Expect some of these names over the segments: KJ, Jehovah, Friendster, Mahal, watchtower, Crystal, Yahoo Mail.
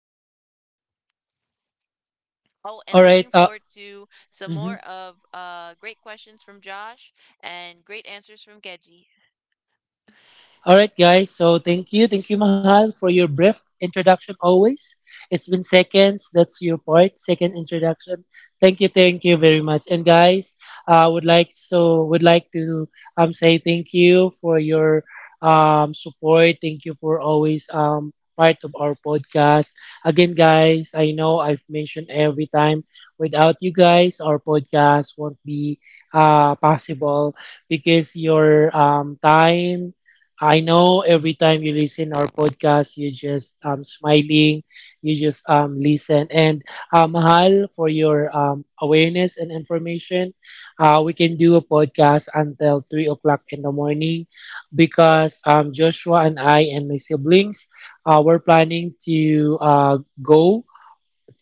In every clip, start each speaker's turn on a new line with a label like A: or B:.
A: here. Oh, and
B: All
A: looking
B: right.
A: forward to some more
B: Mhm.
A: of great questions from Josh and great answers from Keji.
B: All right, guys. So thank you, Mahal, for your brief introduction. Always, it's been seconds. That's your part, second introduction. Thank you very much. And guys, I would like to say thank you for your support. Thank you for always part of our podcast. Again, guys, I know I've mentioned every time. Without you guys, our podcast won't be possible because your time I know every time you listen our podcast, you just smiling, you just listen. And Mahal, for your awareness and information, we can do a podcast until 3 o'clock in the morning because Joshua and I and my siblings, we're planning to go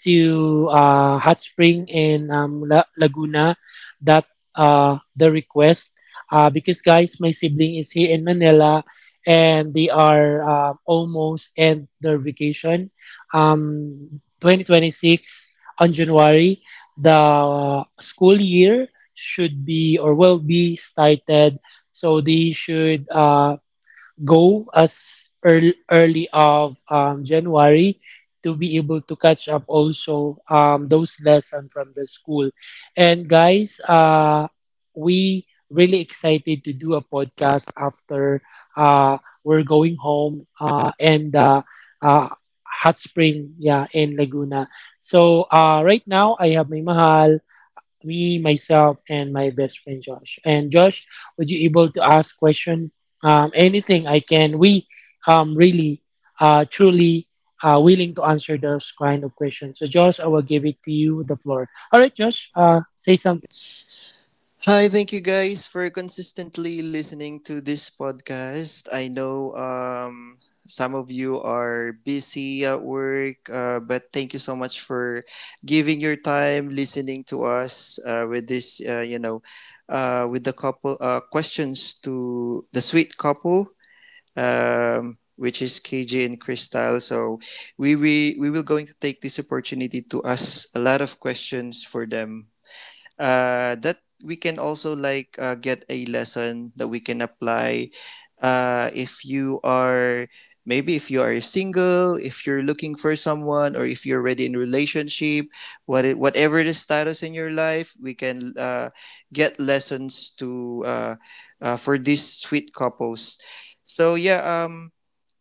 B: to Hot Spring and Laguna that the request because guys, my sibling is here in Manila and they are almost end their vacation. 2026 on January, the school year should be or will be started. So they should go as early of January to be able to catch up also those lesson from the school. And guys, we really excited to do a podcast after uh, we're going home and uh, hot spring yeah in Laguna. So right now I have my mahal me, myself, and my best friend Josh. And Josh, would you able to ask question? Anything I can. We really truly willing to answer those kind of questions. So Josh, I will give it to you the floor. All right, Josh. Say something.
C: Hi, thank you guys for consistently listening to this podcast. I know, some of you are busy at work, but thank you so much for giving your time listening to us with this, with the couple questions to the sweet couple. Which is KJ and Crystal. So we will going to take this opportunity to ask a lot of questions for them that we can also like get a lesson that we can apply if you are, maybe if you are single, if you're looking for someone, or if you're already in a relationship, whatever the status in your life, we can get lessons to for these sweet couples. So, yeah,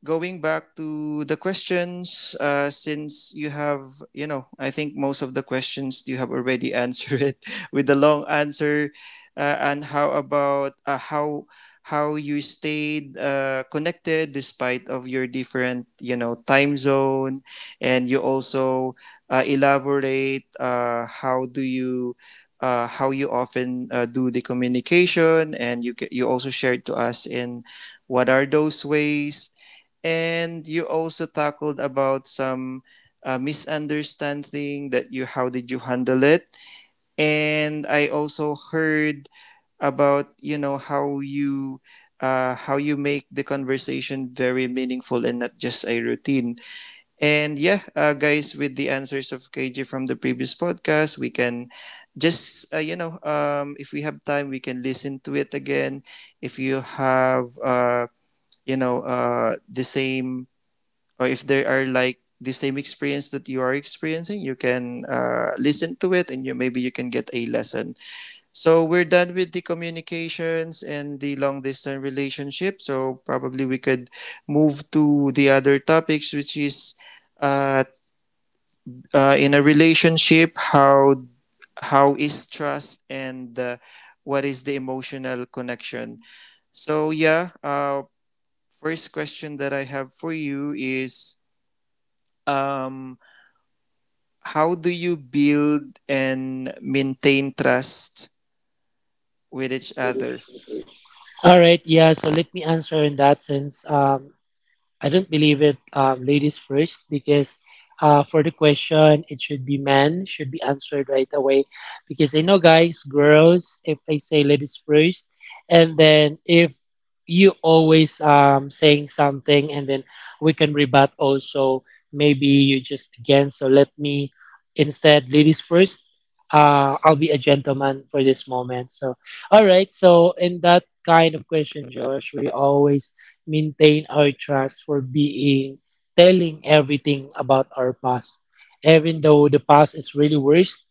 C: going back to the questions, since you have, I think most of the questions you have already answered it with the long answer. And how about how you stayed connected, despite of your different, time zone, and you also elaborate how do you. How you often do the communication, and you also shared to us in what are those ways, and you also tackled about some misunderstanding that you how did you handle it, and I also heard about how you make the conversation very meaningful and not just a routine. And, yeah, guys, with the answers of KJ from the previous podcast, we can just if we have time, we can listen to it again. If you have the same, or if they are like the same experience that you are experiencing, you can listen to it, and you maybe you can get a lesson. So we're done with the communications and the long distance relationship, so probably we could move to the other topics, which is, uh, in a relationship, how is trust, and what is the emotional connection. So, yeah, first question that I have for you is, um how do you build and maintain trust with each other?
B: All right, yeah. So let me answer in that sense. I don't believe it, ladies first, because for the question, it should be men, should be answered right away. Because I know, guys, girls, if I say ladies first, and then if you always saying something, and then we can rebut also, maybe you just again, so let me instead, ladies first. I'll be a gentleman for this moment. So, all right. So, in that kind of question, Josh, we always maintain our trust for being telling everything about our past even though the past is really worse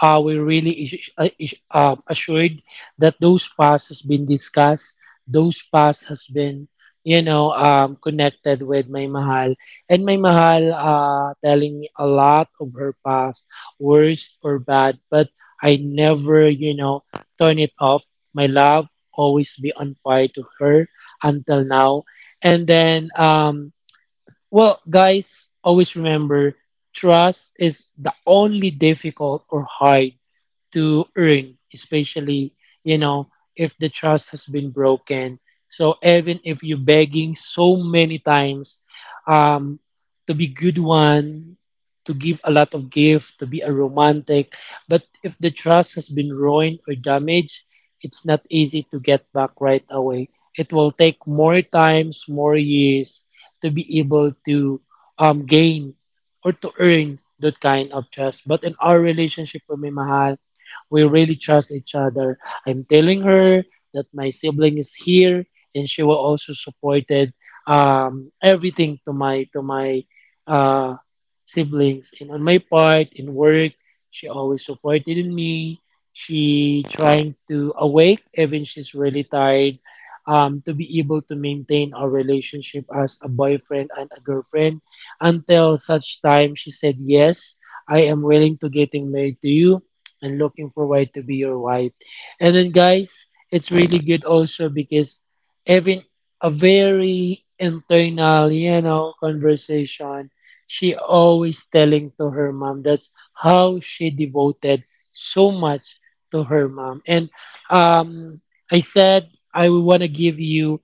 B: are we really assured that those paths has been discussed, those paths has been, you know, connected with my mahal, and my mahal telling me a lot of her past, worst or bad, but I never, you know, turn it off. My love always be on fire to her until now, and then, well, guys, always remember trust is the only difficult or hard to earn, especially, you know, if the trust has been broken. So even if you're begging so many times um, to be good one, to give a lot of gift, to be a romantic, but if the trust has been ruined or damaged, it's not easy to get back right away. It will take more times, more years to be able to gain or to earn that kind of trust. But in our relationship with my Mahal, we really trust each other. I'm telling her that my sibling is here, and she will also supported everything to my uh, siblings. And on my part in work, she always supported me. She trying to awake even she's really tired. To be able to maintain our relationship as a boyfriend and a girlfriend until such time she said yes, I am willing to getting married to you and looking forward to be your wife. And then guys, it's really good also because having a very internal, you know, conversation, she always telling to her mom that's how she devoted so much to her mom. And um I said I wanna give you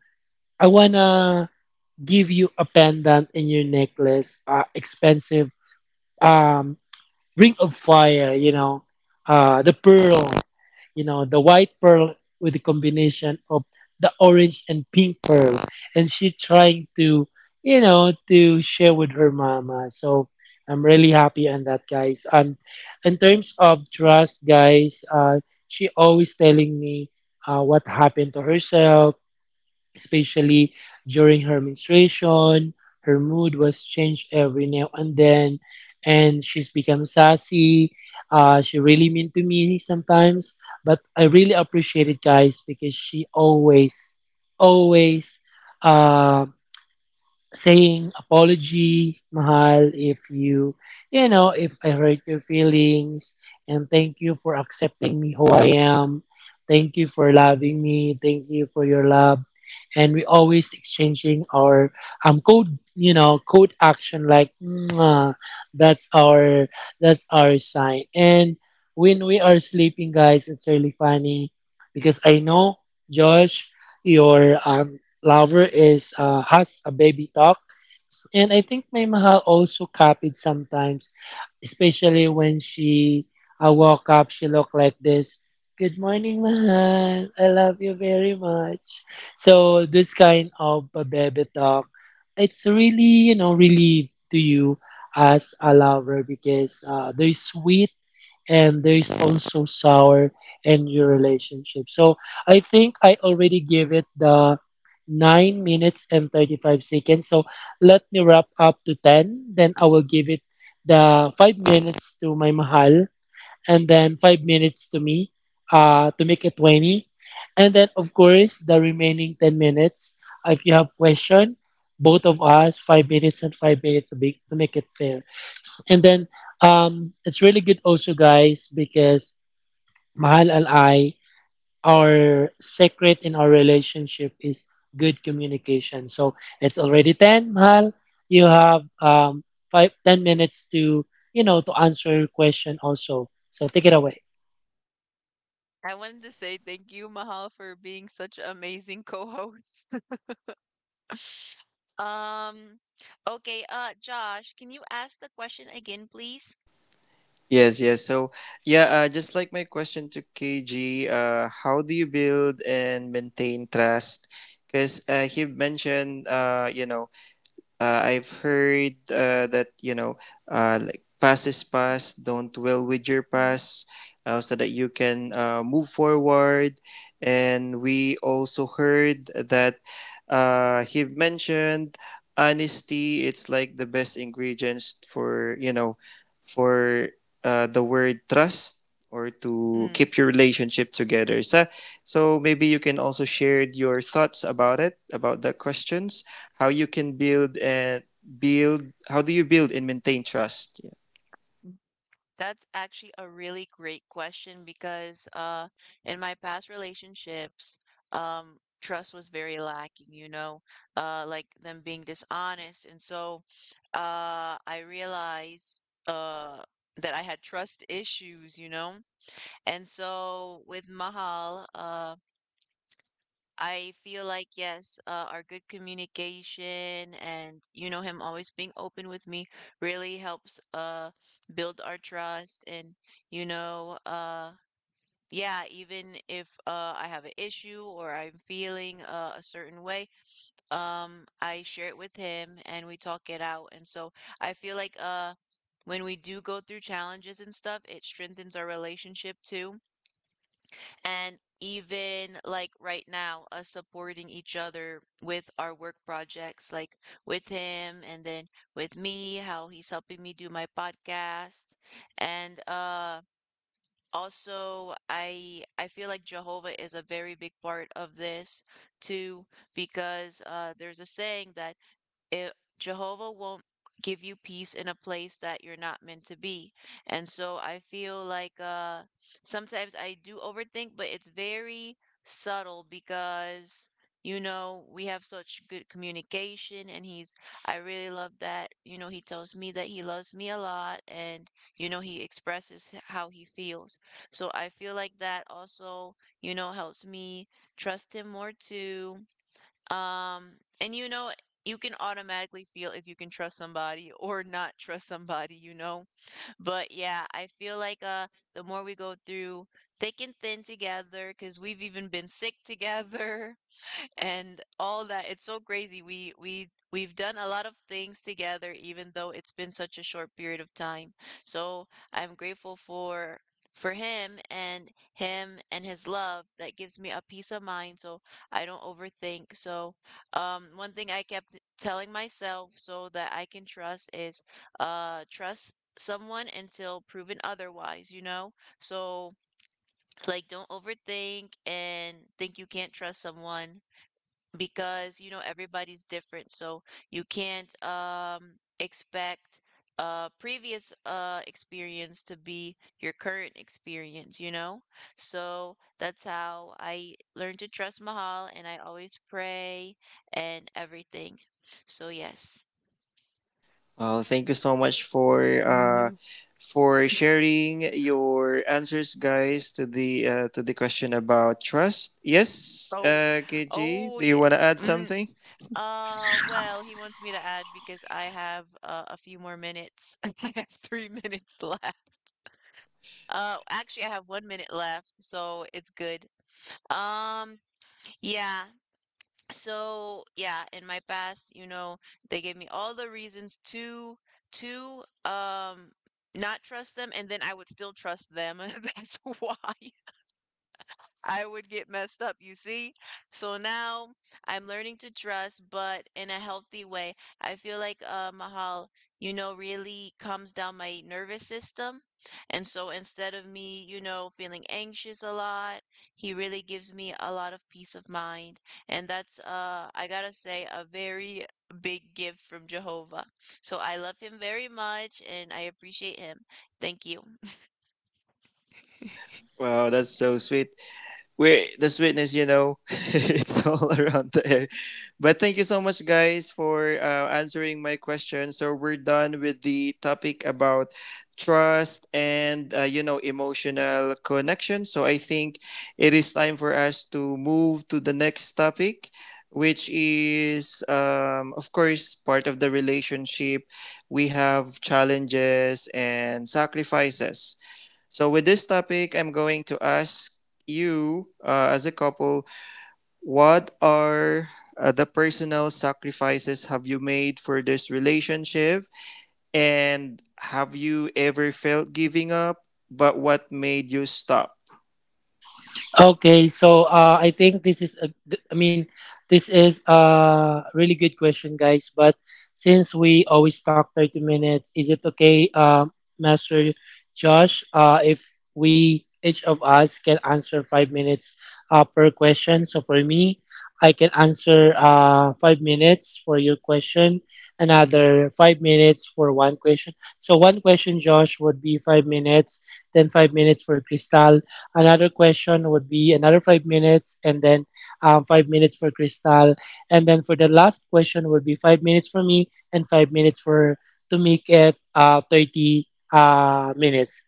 B: I wanna give you a pendant in your necklace, expensive um Ring of Fire, you know, the pearl, you know, the white pearl with the combination of the orange and pink pearl, and she trying to, you know, to share with her mama. So I'm really happy on that, guys. In terms of trust, guys, she always telling me what happened to herself especially during her menstruation. Her mood was changed every now and then, and she's become sassy. She really mean to me sometimes, but I really appreciate it, guys, because always, uh, saying apology, mahal, if you, you know, if I hurt your feelings, and thank you for accepting me who I am. Thank you for loving me. Thank you for your love, and we always exchanging our code, you know, code action like "Mwah," that's our that's our sign. And when we are sleeping guys it's really funny because I know Josh your lover is has a baby talk, and I think my mahal also copied sometimes, especially when she I woke up, she looked like this. Good morning, mahal. I love you very much. So this kind of baby talk, it's really you know relief to you as a lover because they're sweet and there is also sour in your relationship. So I think I already gave it the 9 minutes and 35 seconds. So let me wrap up to 10. Then I will give it the 5 minutes to my mahal and then 5 minutes to me to make it 20. And then, of course, the remaining 10 minutes. If you have question, both of us, 5 minutes and 5 minutes to make it fair. And then it's really good also, guys, because Mahal al I, our secret in our relationship is good communication. So it's already ten Mahal. You have 10 minutes to, you know, to answer your question also. So take it away.
A: I wanted to say thank you, Mahal, for being such an amazing co-host. Um, okay, Josh, can you ask the question again, please?
C: Yes, yes. So, yeah, just like my question to KG, how do you build and maintain trust? Because he mentioned, I've heard that, like, past is past. Don't dwell with your past, so that you can move forward. And we also heard that he mentioned honesty. It's like the best ingredients for for the word trust, or to
A: Mm,
C: keep your relationship together. So, maybe you can also share your thoughts about the questions. How you can build and build how do you build and maintain trust, yeah?
A: that's actually a really great question because in my past relationships, trust was very lacking, you know, like them being dishonest. And so I realized uh that I had trust issues, you know. And so with Mahal, I feel like, yes, our good communication and, you know, him always being open with me really helps build our trust and, you know, yeah, even if I have an issue or I'm feeling a certain way, I share it with him and we talk it out. And so I feel like when we do go through challenges and stuff, it strengthens our relationship too and even like right now us supporting each other with our work projects like with him and then with me how he's helping me do my podcast and also I feel like Jehovah is a very big part of this too because there's a saying that Jehovah won't give you peace in a place that you're not meant to be. And so I feel like sometimes I do overthink, but it's very subtle because you know, we have such good communication and he's I really love that. You know, he tells me that he loves me a lot and you know, he expresses how he feels. So I feel like that also, you know, helps me trust him more too, and you know, you can automatically feel if you can trust somebody or not trust somebody, you know. But yeah, I feel like the more we go through thick and thin together, because we've even been sick together, and all that. It's so crazy. We've done a lot of things together, even though it's been such a short period of time. So I'm grateful for him and his love that gives me a peace of mind so I don't overthink. So one thing I kept telling myself so that I can trust is trust someone until proven otherwise, you know? So like don't overthink and think you can't trust someone because you know everybody's different so you can't expect previous experience to be your current experience, you know. So that's how I learned to trust Mahal, and I always pray and everything. So yes.
C: Well, thank you so much for
A: Mhm.
C: sharing your answers, guys, to the question about trust. Yes,
A: Oh,
C: KG,
A: oh
C: do you
A: yeah.
C: want to add
A: Mm,
C: something?
A: well, he wants me to add because I have a few more minutes. I have three minutes left. Actually, I have one minute left, so it's good. Um, yeah. So yeah, in my past, you know, they gave me all the reasons to to um not trust them, and then I would still trust them. That's why. I would get messed up, you see? So now I'm learning to dress, but in a healthy way. I feel like Mahal, you know, really calms down my nervous system. And so instead of me, you know, feeling anxious a lot, he really gives me a lot of peace of mind. And that's, I gotta say, a very big gift from Jehovah. So I love him very much and I appreciate him. Thank you.
C: Wow, that's so sweet. We're the sweetness. It's all around there. But thank you so much, guys, for answering my question. So we're done with the topic about trust and emotional connection. So I think it is time for us to move to the next topic, which is, of course, part of the relationship. We have challenges and sacrifices. So, with this topic, I'm going to ask you, as a couple, what are the personal sacrifices have you made for this relationship? And have you ever felt giving up? But what made you stop?
B: Okay, so I think this is a really good question, guys. But since we always talk 30 minutes, is it okay, Master Josh, if we each of us can answer 5 minutes per question? So for me, I can answer 5 minutes for your question, another 5 minutes for one question. So one question, Josh, would be 5 minutes, then 5 minutes for Crystal. Another question would be another 5 minutes, and then 5 minutes for Crystal, and then for the last question would be 5 minutes for me and 5 minutes for to make it 30 minutes.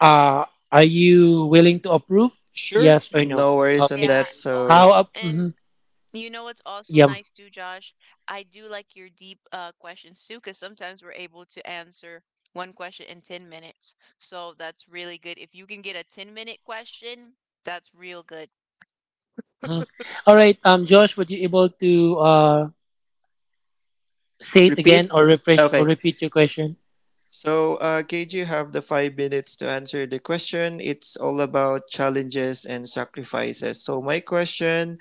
B: Uh, are you willing to approve?
C: Sure,
B: Yes or no?
C: no worries on
B: Okay.
A: Yeah.
C: that. So
A: Oh,
B: How up?
A: and
B: Mhm,
A: You know what's also
B: yum.
A: nice too, Josh? I do like your deep questions too, because sometimes we're able to answer one question in 10 minutes. So that's really good. If you can get a 10-minute question, that's real good.
B: Hmm. All right. Josh, would you able to say it again
C: repeat.
B: or refresh or
C: Okay.
B: repeat your question?
C: So, Cage, you have the 5 minutes to answer the question. It's all about challenges and sacrifices. So, my question,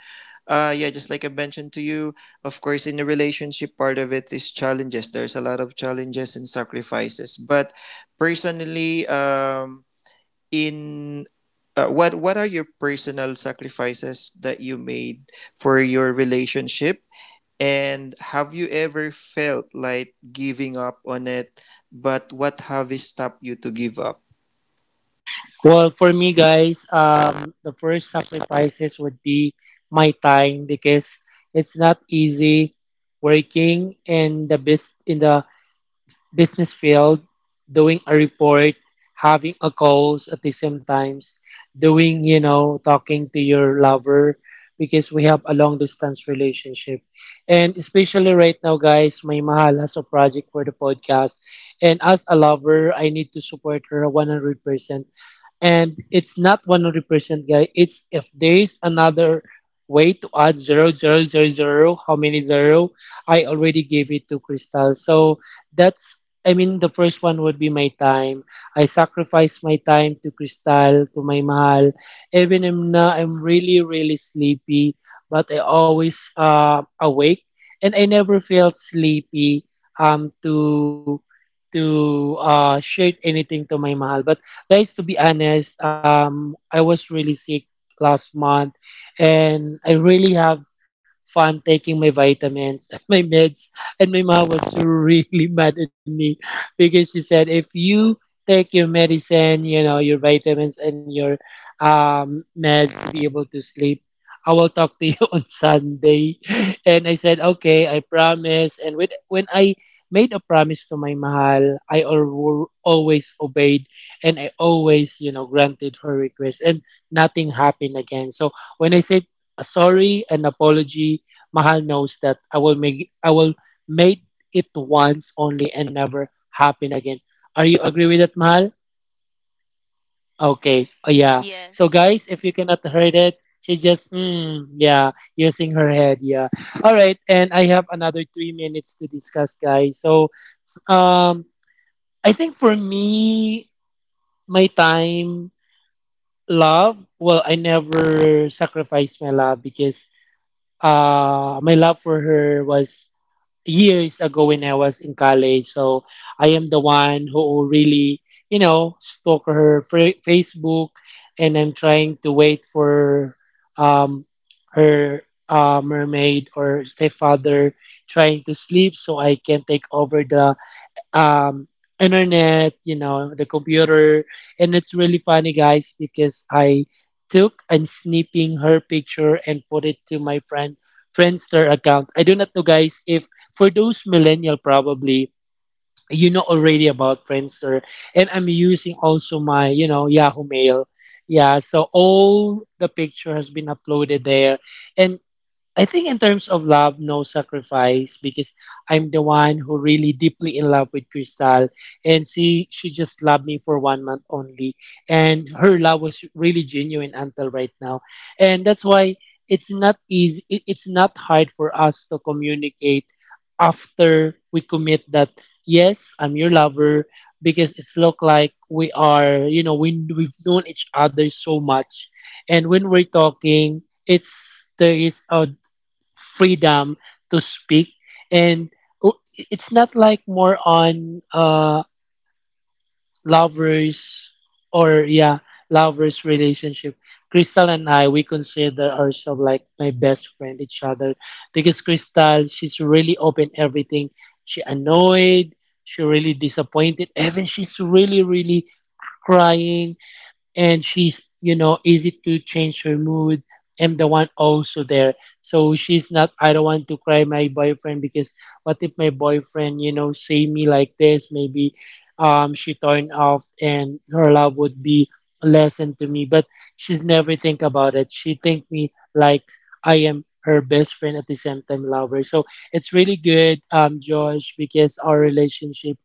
C: yeah, just like I mentioned to you, of course, in the relationship, part of it is challenges. There's a lot of challenges and sacrifices. But personally, in what are your personal sacrifices that you made for your relationship? And have you ever felt like giving up on it? But what have you stopped you to give up?
B: Well, for me, guys, the first sacrifices would be my time because it's not easy working in the business field, doing a report, having a calls at the same times, doing you know talking to your lover because we have a long distance relationship, and especially right now, guys, my mahal has a project for the podcast, and as a lover, I need to support her 100% and it's not 100% guy it's if there is another way to add zero zero zero zero how many zero I already gave it to Crystal. So that's I mean the first one would be my time. I sacrifice my time to Crystal, to my mahal, even I'm not I'm really really sleepy but I always awake and I never felt sleepy to to share anything to my mahal. But guys, to be honest, I was really sick last month, and I really have fun taking my vitamins and my meds. And my mom was really mad at me because she said, if you take your medicine, you know, your vitamins and your meds to be able to sleep, I will talk to you on Sunday. And I said, okay, I promise. And with, when I made a promise to my mahal, always obeyed and I always, you know, granted her request and nothing happened again. So when I said a sorry and apology, Mahal knows that I will make it once only and never happen again. Are you agree with that, Mahal? Okay. Oh yeah. So
A: Yes.
B: guys, if you cannot heard it, she just mm, yeah, using her head, yeah. All right, and I have another 3 minutes to discuss, guys. So um I think for me, my time love well I never sacrificed my love because my love for her was years ago when I was in college. So I am the one who really you know stalk her facebook and I'm trying to wait for um her mermaid or stepfather trying to sleep so I can take over the um, internet, you know, the computer. And it's really funny, guys, because I took and snipping her picture and put it to my friend Friendster account. I do not know, guys, if for those millennial probably already about Friendster, and I'm using also my Yahoo Mail. Yeah, so all the picture has been uploaded there, and I think in terms of love, no sacrifice because I'm the one who really deeply in love with Crystal, and she just loved me for 1 month only, and her love was really genuine until right now, and that's why it's not easy. It's not hard for us to communicate after we commit that yes, I'm your lover because it's look like we are we've known each other so much, and when we're talking it's there is a freedom to speak and it's not like more on lovers or yeah lovers relationship. Crystal and I, we consider ourselves like my best friend each other because Crystal, she's really open everything. She annoyed, she really disappointed, even she's really really crying. And she's, easy to change her mood. I'm the one also there. So she's not, I don't want to cry my boyfriend because what if my boyfriend, see me like this, maybe she turned off and her love would be a lesson to me. But she's never think about it, she think me like I am her best friend at the same time lover. So it's really good, Josh, because our relationship,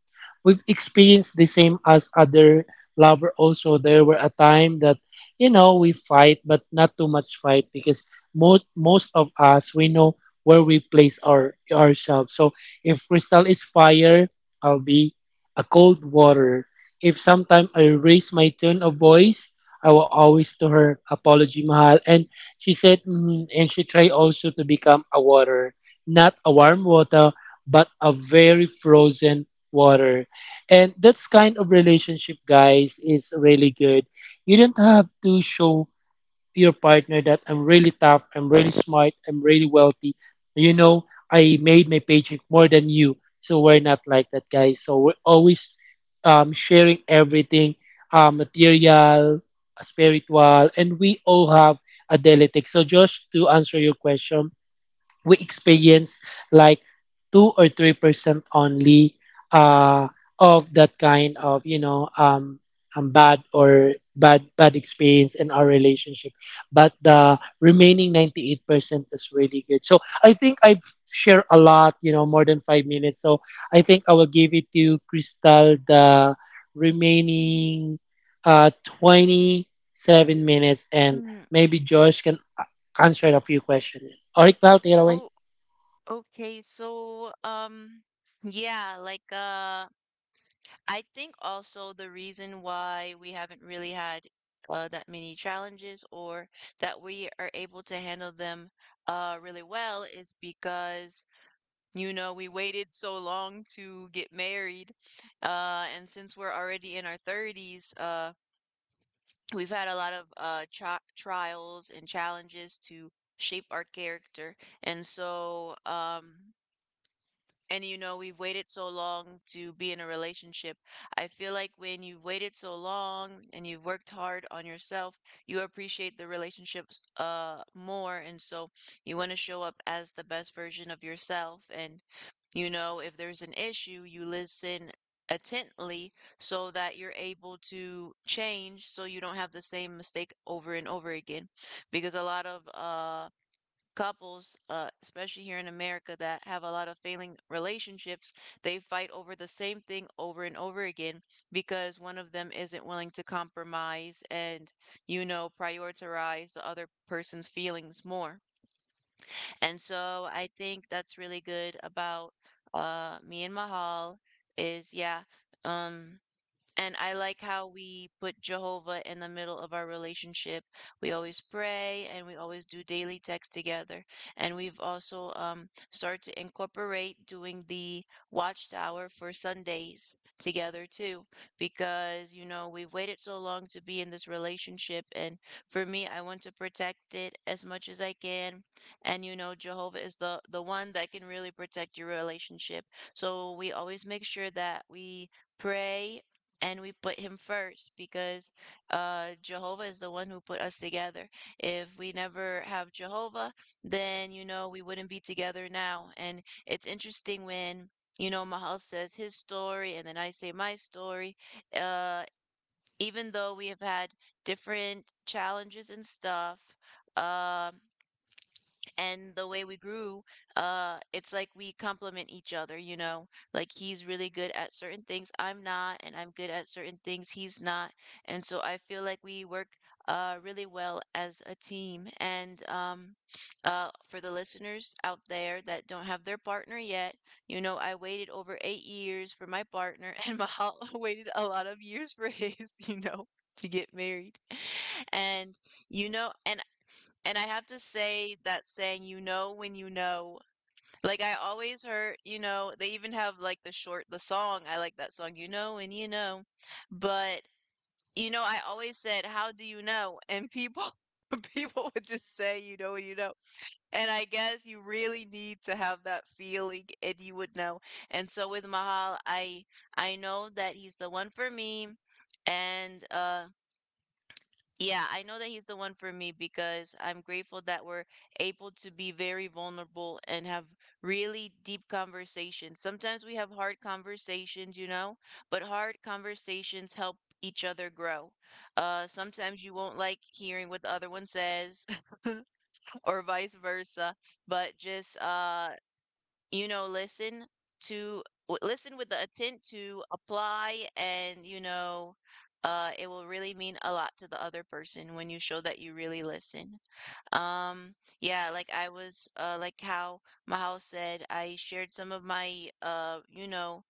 B: we've experienced the same as other lover. Also, there were a time that we fight, but not too much fight because most of us, we know where we place our ourselves. So if Crystal is fire, I'll be a cold water. If sometime I raise my tone of voice, I will always to her apology, mahal. And she said mm, and she tried also to become a water, not a warm water, but a very frozen water. And that's kind of relationship, guys, is really good. You don't have to show to your partner that I'm really tough, I'm really smart, I'm really wealthy. You know, I made my paycheck more than you. So we're not like that, guys. So we're always sharing everything, material, spiritual, and we all have a delitic. So just to answer your question, we experience like 2 or 3 percent only, uh, of that kind of, bad or bad experience in our relationship. But the remaining 98% is really good. So I think I've shared a lot, more than 5 minutes. So I think I will give it to Crystal the remaining uh 27 minutes. And
A: Mm,
B: maybe Josh can answer a few questions. All right, now take it away.
A: oh, okay. So, yeah, like I think also the reason why we haven't really had that many challenges or that we are able to handle them really well is because you know, we waited so long to get married. And since we're already in our 30s, we've had a lot of trials and challenges to shape our character. And so, and you know, we've waited so long to be in a relationship. I feel like when you've waited so long and you've worked hard on yourself, you appreciate the relationships more, and so you want to show up as the best version of yourself and you know, if there's an issue, you listen attentively so that you're able to change so you don't have the same mistake over and over again because a lot of couples, especially here in America, that have a lot of failing relationships, they fight over the same thing over and over again because one of them isn't willing to compromise and, you know, prioritize the other person's feelings more. And so I think that's really good about me and Mahal is, yeah, um, and I like how we put Jehovah in the middle of our relationship. We always pray and we always do daily text together. And we've also started to incorporate doing the Watchtower for Sundays together too, because, you know, we've waited so long to be in this relationship. And for me, I want to protect it as much as I can. And, you know, Jehovah is the one that can really protect your relationship. So we always make sure that we pray and we put him first because Jehovah is the one who put us together. If we never have Jehovah, then you know we wouldn't be together now. And it's interesting when you know Mahal says his story, and then I say my story. Uh, even though we have had different challenges and stuff, um, and the way we grew, it's like we complement each other, you know, like he's really good at certain things I'm not, and I'm good at certain things he's not. And so I feel like we work really well as a team. And for the listeners out there that don't have their partner yet, you know, I waited over 8 years for my partner, and Mahal waited a lot of years for his you know, to get married. And you know, and I have to say that saying, you know, when you know, like I always heard, you know, they even have like the song. I like that song, you know, and you know. But, you know, I always said, how do you know? And people, people would just say, you know. And I guess you really need to have that feeling and you would know. And so with Mahal, I know that he's the one for me. And, yeah, I know that he's the one for me because I'm grateful that we're able to be very vulnerable and have really deep conversations. Sometimes we have hard conversations, you know, but hard conversations help each other grow. Sometimes you won't like hearing what the other one says or vice versa, but just you know, listen listen with the intent to apply, and you know, it will really mean a lot to the other person when you show that you really listen. Um yeah, like I was like how Mahal said, I shared some of my you know,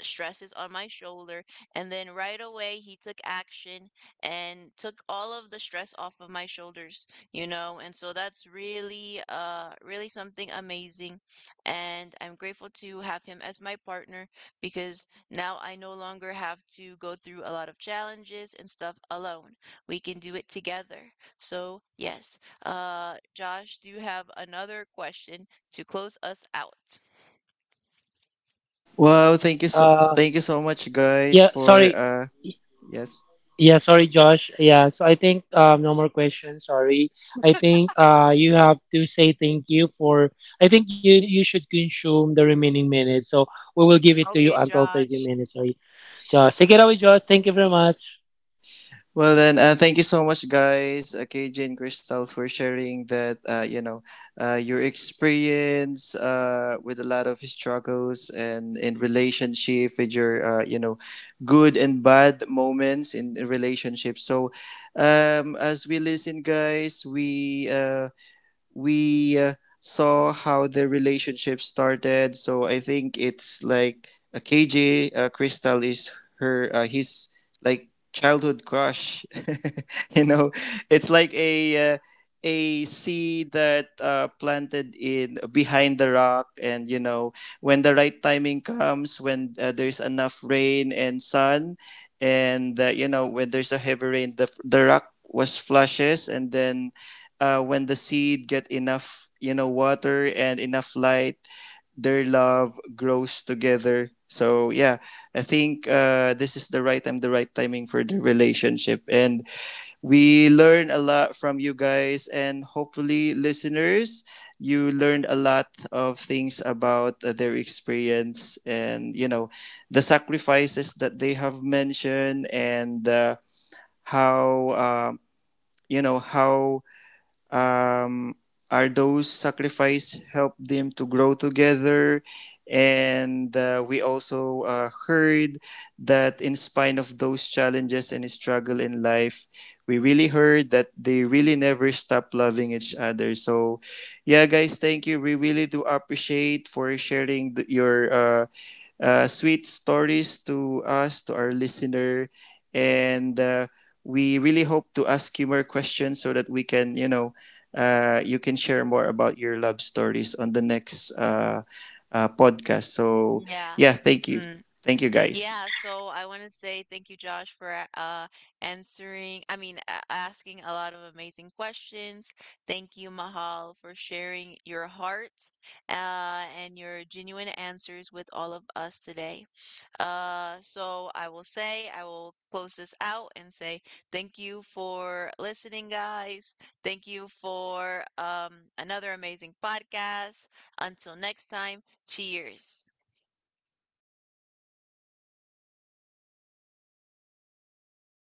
A: stress is on my shoulder. And then right away, he took action and took all of the stress off of my shoulders, you know? And so that's really, really something amazing. And I'm grateful to have him as my partner because now I no longer have to go through a lot of challenges and stuff alone. We can do it together. So, yes, Josh, do you have another question to close us out?
C: Wow,
B: Uh,
C: thank you so much, guys,
B: yeah,
C: for
B: sorry.
C: yes.
B: Yeah, sorry, Josh. Yeah, so I think no more questions. Sorry. I think you have to say thank you for. I think you should consume the remaining minutes. So we will give it to you
A: Okay,
B: until 30
A: Josh.
B: minutes. Sorry, Josh. Take it away, Josh. Thank you very much.
C: Well then, thank you so much, guys. KJ and Crystal, for sharing that. Your experience with a lot of struggles, and in relationship, with your good and bad moments in relationships. So, as we listen, guys, we we uh, saw how the relationship started. So I think it's like a KJ, Crystal is her, his, like, childhood crush. you know, it's like a seed that planted in behind the rock, and when the right timing comes, when there's enough rain and sun, and when there's a heavy rain, the rock was flushes, and then, when the seed get enough, water, and enough light, their love grows together. So, yeah, I think, this is the right timing for the relationship, and we learn a lot from you guys, and hopefully, listeners, you learned a lot of things about their experience, and the sacrifices that they have mentioned, and how um, you know how, um, are those sacrifices help them to grow together. And we also heard that, in spite of those challenges and struggle in life, we really heard that they really never stop loving each other. So, yeah, guys, thank you, we really do appreciate for sharing your sweet stories to us, to our listener. And we really hope to ask you more questions, so that we can, you know, you can share more about your love stories on the next podcast. So,
A: Yeah.
C: yeah, thank you.
A: Mm.
C: Thank you, guys.
A: Yeah, so I want to say thank you, Josh, for answering, I mean, a asking a lot of amazing questions. Thank you, Mahal, for sharing your heart and your genuine answers with all of us today. So I will say, I will close this out and say thank you for listening, guys. Thank you for another amazing podcast. Until next time, cheers.